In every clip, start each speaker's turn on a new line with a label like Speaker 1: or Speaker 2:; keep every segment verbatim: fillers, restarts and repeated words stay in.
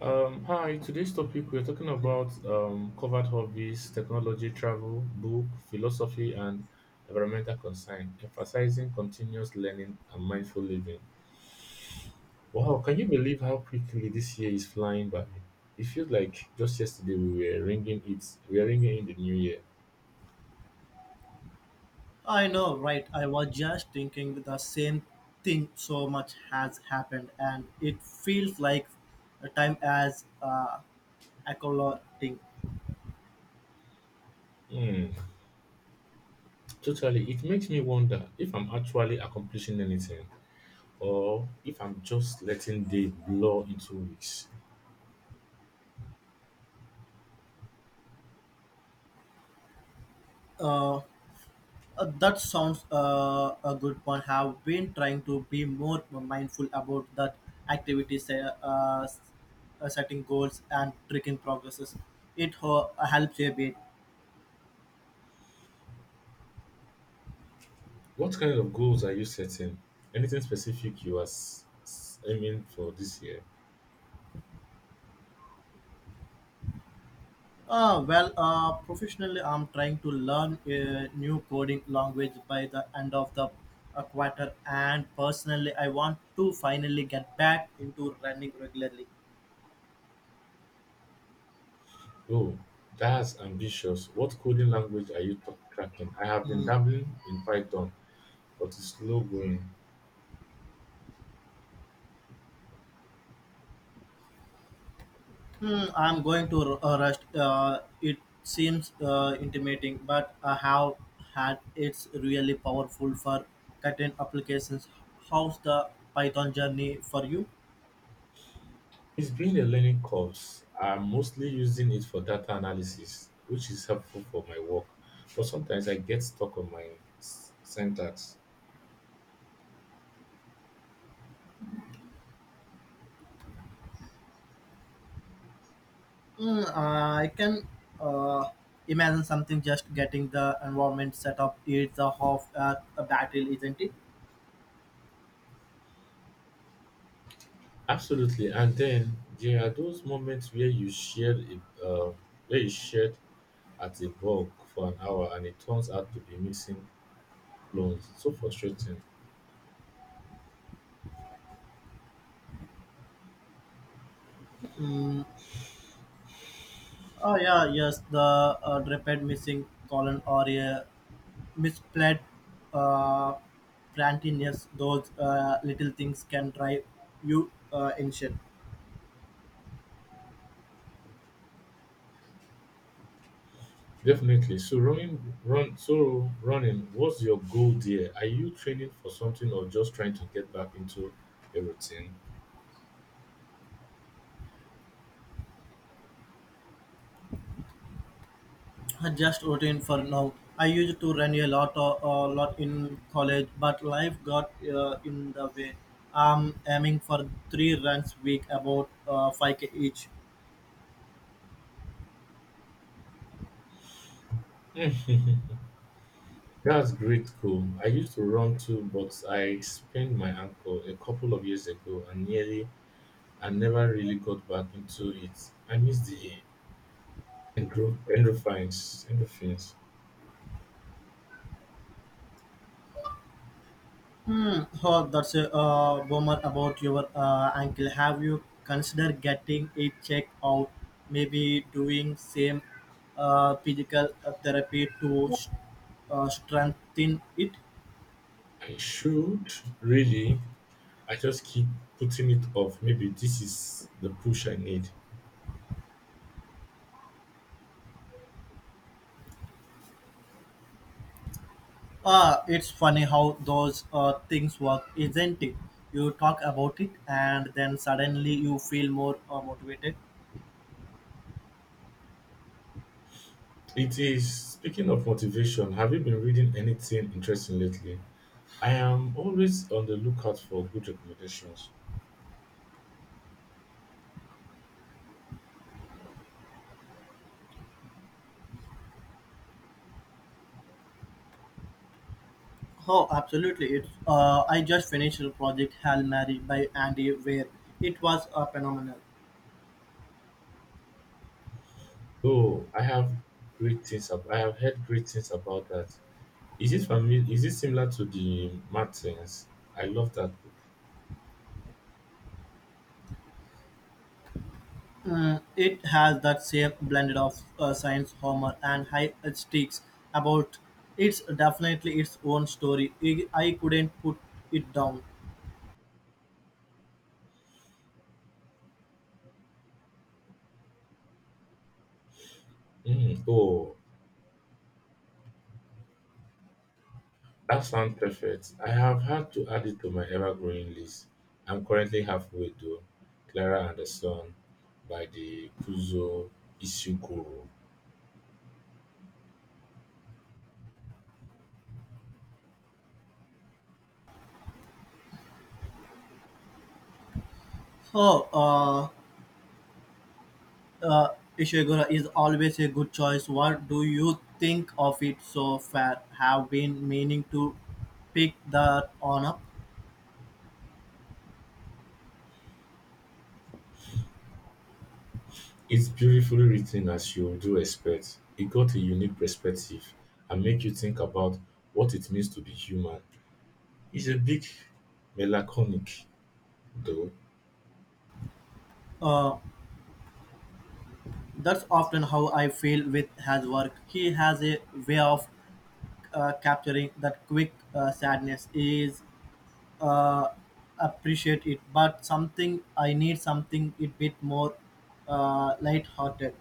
Speaker 1: Um, hi, today's topic we're talking about um, covered hobbies, technology, travel, book, philosophy, and environmental concern, emphasizing continuous learning and mindful living. Wow, can you believe how quickly this year is flying by? It feels like just yesterday we were ringing it, we are ringing in the new year.
Speaker 2: I know, right? I was just thinking the same thing. So much has happened, and it feels like a time as uh, accolating.
Speaker 1: Hmm, totally. It makes me wonder if I'm actually accomplishing anything, or if I'm just letting days blur into weeks.
Speaker 2: Uh, uh, that sounds uh, a good point. Have been trying to be more mindful about that activities. Say, uh, uh, setting goals and tracking progresses. It ho- helps a bit.
Speaker 1: What kind of goals are you setting? Anything specific you are s- s- aiming for this year?
Speaker 2: Uh, well, uh, professionally, I'm trying to learn a new coding language by the end of the uh, quarter, and personally, I want to finally get back into running regularly.
Speaker 1: Oh, that's ambitious. What coding language are you tra- tracking? I have been
Speaker 2: Hmm.
Speaker 1: dabbling in Python, but it's slow going.
Speaker 2: Hmm, I'm going to r- uh, rest. Uh, it seems uh, intimidating, but I have had it's really powerful for certain applications. How's the Python journey for you?
Speaker 1: It's been a learning curve. I'm mostly using it for data analysis, which is helpful for my work, but sometimes I get stuck on my s- syntax.
Speaker 2: Mm, I can uh, imagine something just getting the environment set up. It's a half uh, a battle, isn't it?
Speaker 1: Absolutely. And then there are those moments where you shared a, uh, where you shared at a bog for an hour and it turns out to be missing clones. So frustrating.
Speaker 2: Mm, oh yeah, yes. The uh, repeat missing colon or a misplaced uh, plantiness. Those uh, little things can drive you uh, insane.
Speaker 1: Definitely. So running run so running, what's your goal there? Are you training for something or just trying to get back into a routine?
Speaker 2: Just routine for now. I used to run a lot, uh, a lot in college, but life got uh, in the way. I'm aiming for three runs week, about uh, five k each.
Speaker 1: That's great, cool. I used to run too, but I sprained my ankle a couple of years ago and nearly and never really got back into it. I miss the endro- endorphins. Endorphins.
Speaker 2: Hmm. Oh, that's a uh, bummer about your uh, ankle. Have you considered getting it checked out? Maybe doing same uh, physical uh, therapy to uh, strengthen it.
Speaker 1: I should really I just keep putting it off. Maybe this is the push I need.
Speaker 2: Ah, it's funny how those uh, things work, isn't it? You talk about it, and then suddenly you feel more uh, motivated.
Speaker 1: It is. Speaking of motivation, have you been reading anything interesting lately? I am always on the lookout for good recommendations.
Speaker 2: Oh, absolutely! It's uh, I just finished the project Hail Mary by Andy Weir. It was uh, phenomenal.
Speaker 1: Oh, I have great things. ab- I have heard great things about that. Is it familiar? Is it similar to the Martins? I love that book.
Speaker 2: Mm, it has that same blend of uh, science, humor, and high stakes about. It's definitely its own story. I, I couldn't put it down.
Speaker 1: Mm. Oh, that sounds perfect. I have had to add it to my ever-growing list. I'm currently halfway through Clara and the Sun by the Kuzo Ishiguro.
Speaker 2: Oh, uh, Uh, Ishiguro is always a good choice. What do you think of it so far? Have been meaning to pick that on up.
Speaker 1: It's beautifully written as you do expect. It got a unique perspective and make you think about what it means to be human. It's a big melancholic though.
Speaker 2: Uh, that's often how I feel with his work. He has a way of uh, capturing that quick uh, sadness. Is uh, appreciate it, but something I need something a bit more uh, light-hearted.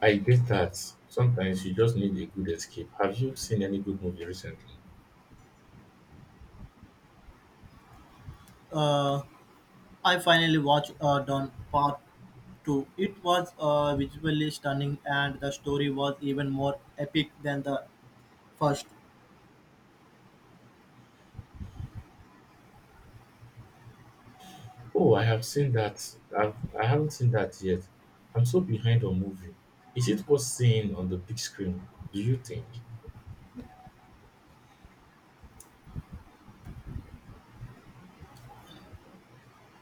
Speaker 1: I get that. Sometimes you just need a good escape. Have you seen any good movie recently?
Speaker 2: Uh, I finally watched uh, Don Part two. It was uh, visually stunning and the story was even more epic than the first.
Speaker 1: Oh, I have seen that. I've, I haven't seen that yet. I'm so behind on movie. Is it worth seeing on the big screen, do you think?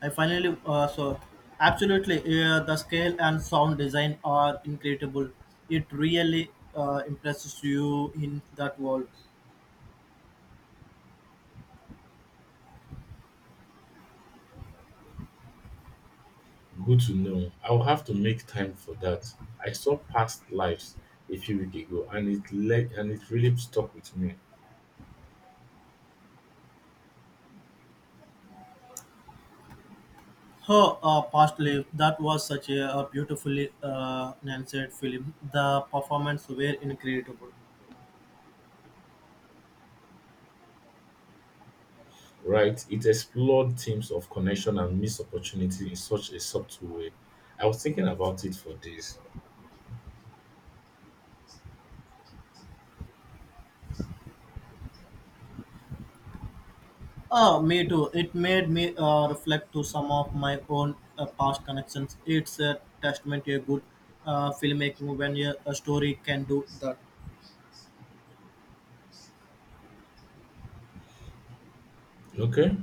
Speaker 2: I finally uh, saw. Absolutely, uh, the scale and sound design are incredible. It really uh, impresses you in that world.
Speaker 1: Good to know. I'll have to make time for that. I saw Past Lives a few weeks ago, and it le- and it really stuck with me.
Speaker 2: Her uh, past life, that was such a, uh beautifully uh, nanced film. The performance were incredible.
Speaker 1: Right? It explored themes of connection and missed opportunity in such a subtle way. I was thinking about it for days.
Speaker 2: Oh, me too. It made me uh, reflect to some of my own uh, past connections. It's a testament to a good uh, filmmaking when a, a story can do that.
Speaker 1: Okay.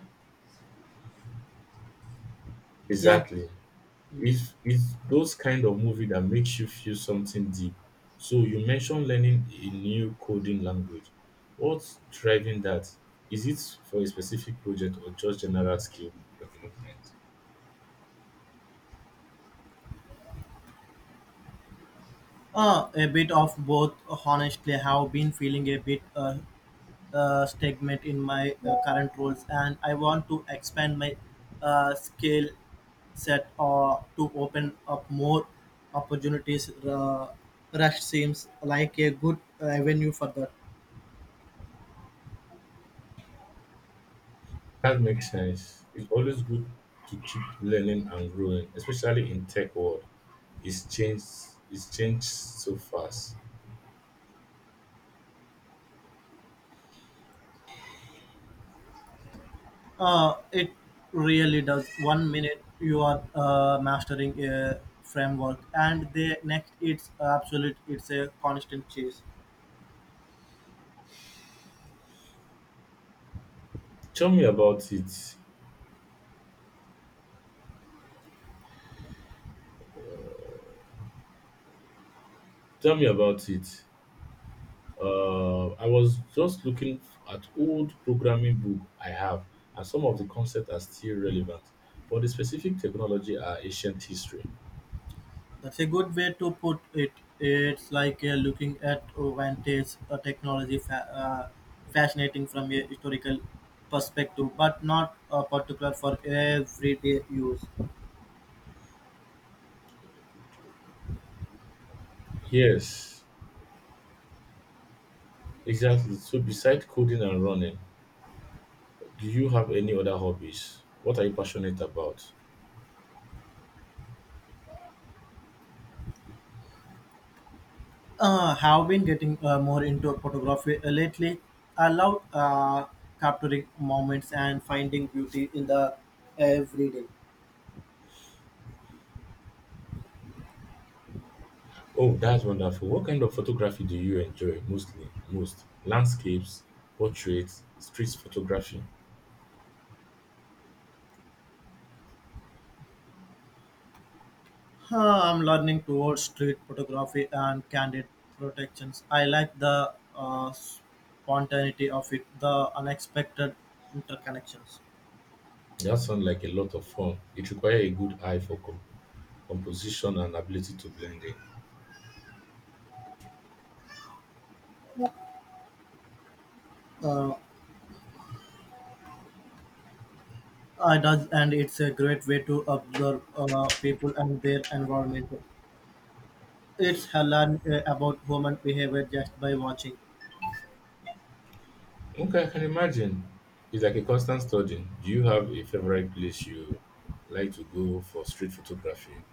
Speaker 2: Yeah.
Speaker 1: Exactly. it's it's those kind of movie that makes you feel something deep. So you mentioned learning a new coding language. What's driving that? Is it for a specific project or just general skill development?
Speaker 2: Uh, a bit of both. Honestly, I have been feeling a bit uh, uh, stagnant in my uh, current roles, and I want to expand my uh, skill set or to open up more opportunities. Uh, Rush seems like a good avenue for that.
Speaker 1: That makes sense. It's always good to keep learning and growing, especially in tech world. It's changed. It's changed so fast.
Speaker 2: Uh, it really does. One minute you are uh, mastering a framework, and the next it's absolute. It's a constant chase.
Speaker 1: Tell me about it. Tell me about it. Uh, I was just looking at old programming book I have, and some of the concepts are still relevant, but the specific technology are ancient history.
Speaker 2: That's a good way to put it. It's like uh, looking at vintage uh, technology, fa- uh, fascinating from a historical perspective, but not uh, particular for everyday use.
Speaker 1: Yes, exactly. So besides coding and running, do you have any other hobbies? What are you passionate about?
Speaker 2: Uh, have been getting uh, more into photography uh, lately. I love uh, capturing moments and finding beauty in the everyday.
Speaker 1: Oh, that's wonderful. What kind of photography do you enjoy mostly? Most landscapes, portraits, street photography?
Speaker 2: Uh, I'm learning towards street photography and candid protections. I like the uh, spontaneity of it, the unexpected interconnections.
Speaker 1: That sounds like a lot of fun. It requires a good eye for com- composition and ability to blend in.
Speaker 2: Uh, I does, and it's a great way to observe uh, people and their environment. It's learn uh, about human behavior just by watching.
Speaker 1: Okay, I can imagine. It's like a constant study. Do you have a favorite place you like to go for street photography?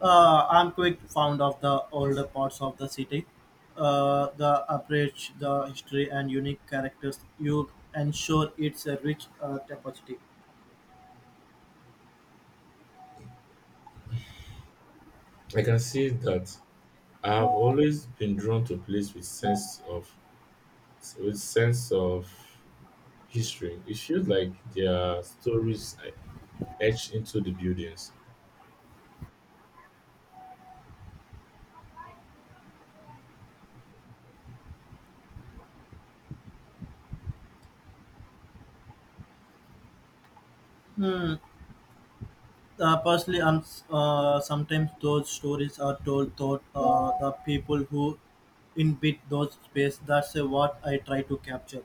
Speaker 2: Uh, I'm quite fond of the older parts of the city. Uh, the approach, the history, and unique characters you ensure it's a rich uh, tapestry.
Speaker 1: I can see that. I have always been drawn to place with sense of with sense of history. It feels like there are stories etched into the buildings.
Speaker 2: Uh, personally, I'm, s- uh, sometimes those stories are told through uh, the people who inhabit those space. That's uh, what I try to capture.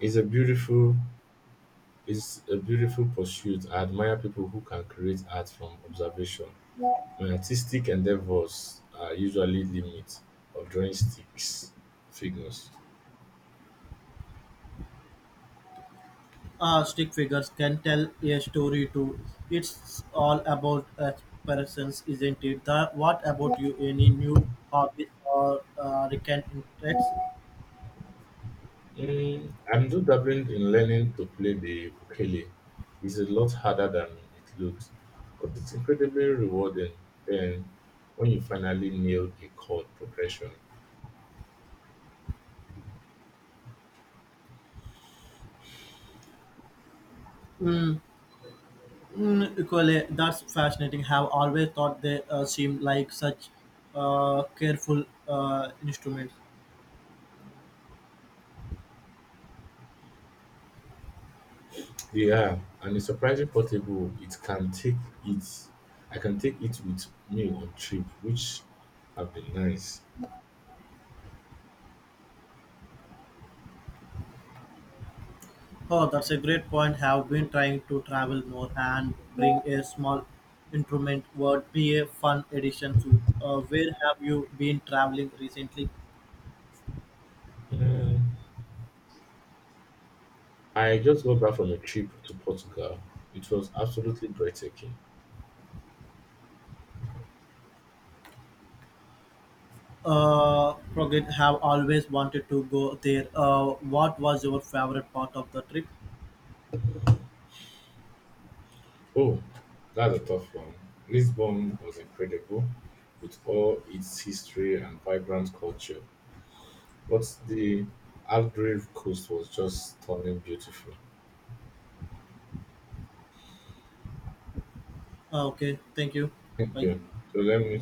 Speaker 1: It's a beautiful it's a beautiful pursuit. I admire people who can create art from observation. My artistic endeavors are usually limit of drawing sticks figures.
Speaker 2: uh, Stick figures can tell a story too. It's all about expressions, isn't it? The, what about you? Any new hobbies or uh, recent interests?
Speaker 1: Mm, I'm still dabbling in learning to play the ukulele. It's a lot harder than it looks, but it's incredibly rewarding. Then, when you finally nail a chord progression,
Speaker 2: Mm, mm, Equally, that's fascinating. Have always thought they uh, seem like such uh, careful uh, instruments.
Speaker 1: yeah, and it's surprisingly portable. It can take it. I can take it with me on trip, which have been nice.
Speaker 2: Oh, that's a great point. Have been trying to travel more and bring a small instrument would be a fun addition to. Uh, where have you been traveling recently?
Speaker 1: Mm. I just got back from a trip to Portugal. It was absolutely breathtaking.
Speaker 2: Uh, Crockett have always wanted to go there. Uh, what was your favorite part of the trip?
Speaker 1: Oh, that's a tough one. Lisbon was incredible with all its history and vibrant culture, but the Algarve coast was just stunning beautiful.
Speaker 2: Uh, okay, thank you.
Speaker 1: Thank
Speaker 2: Bye.
Speaker 1: you. So let me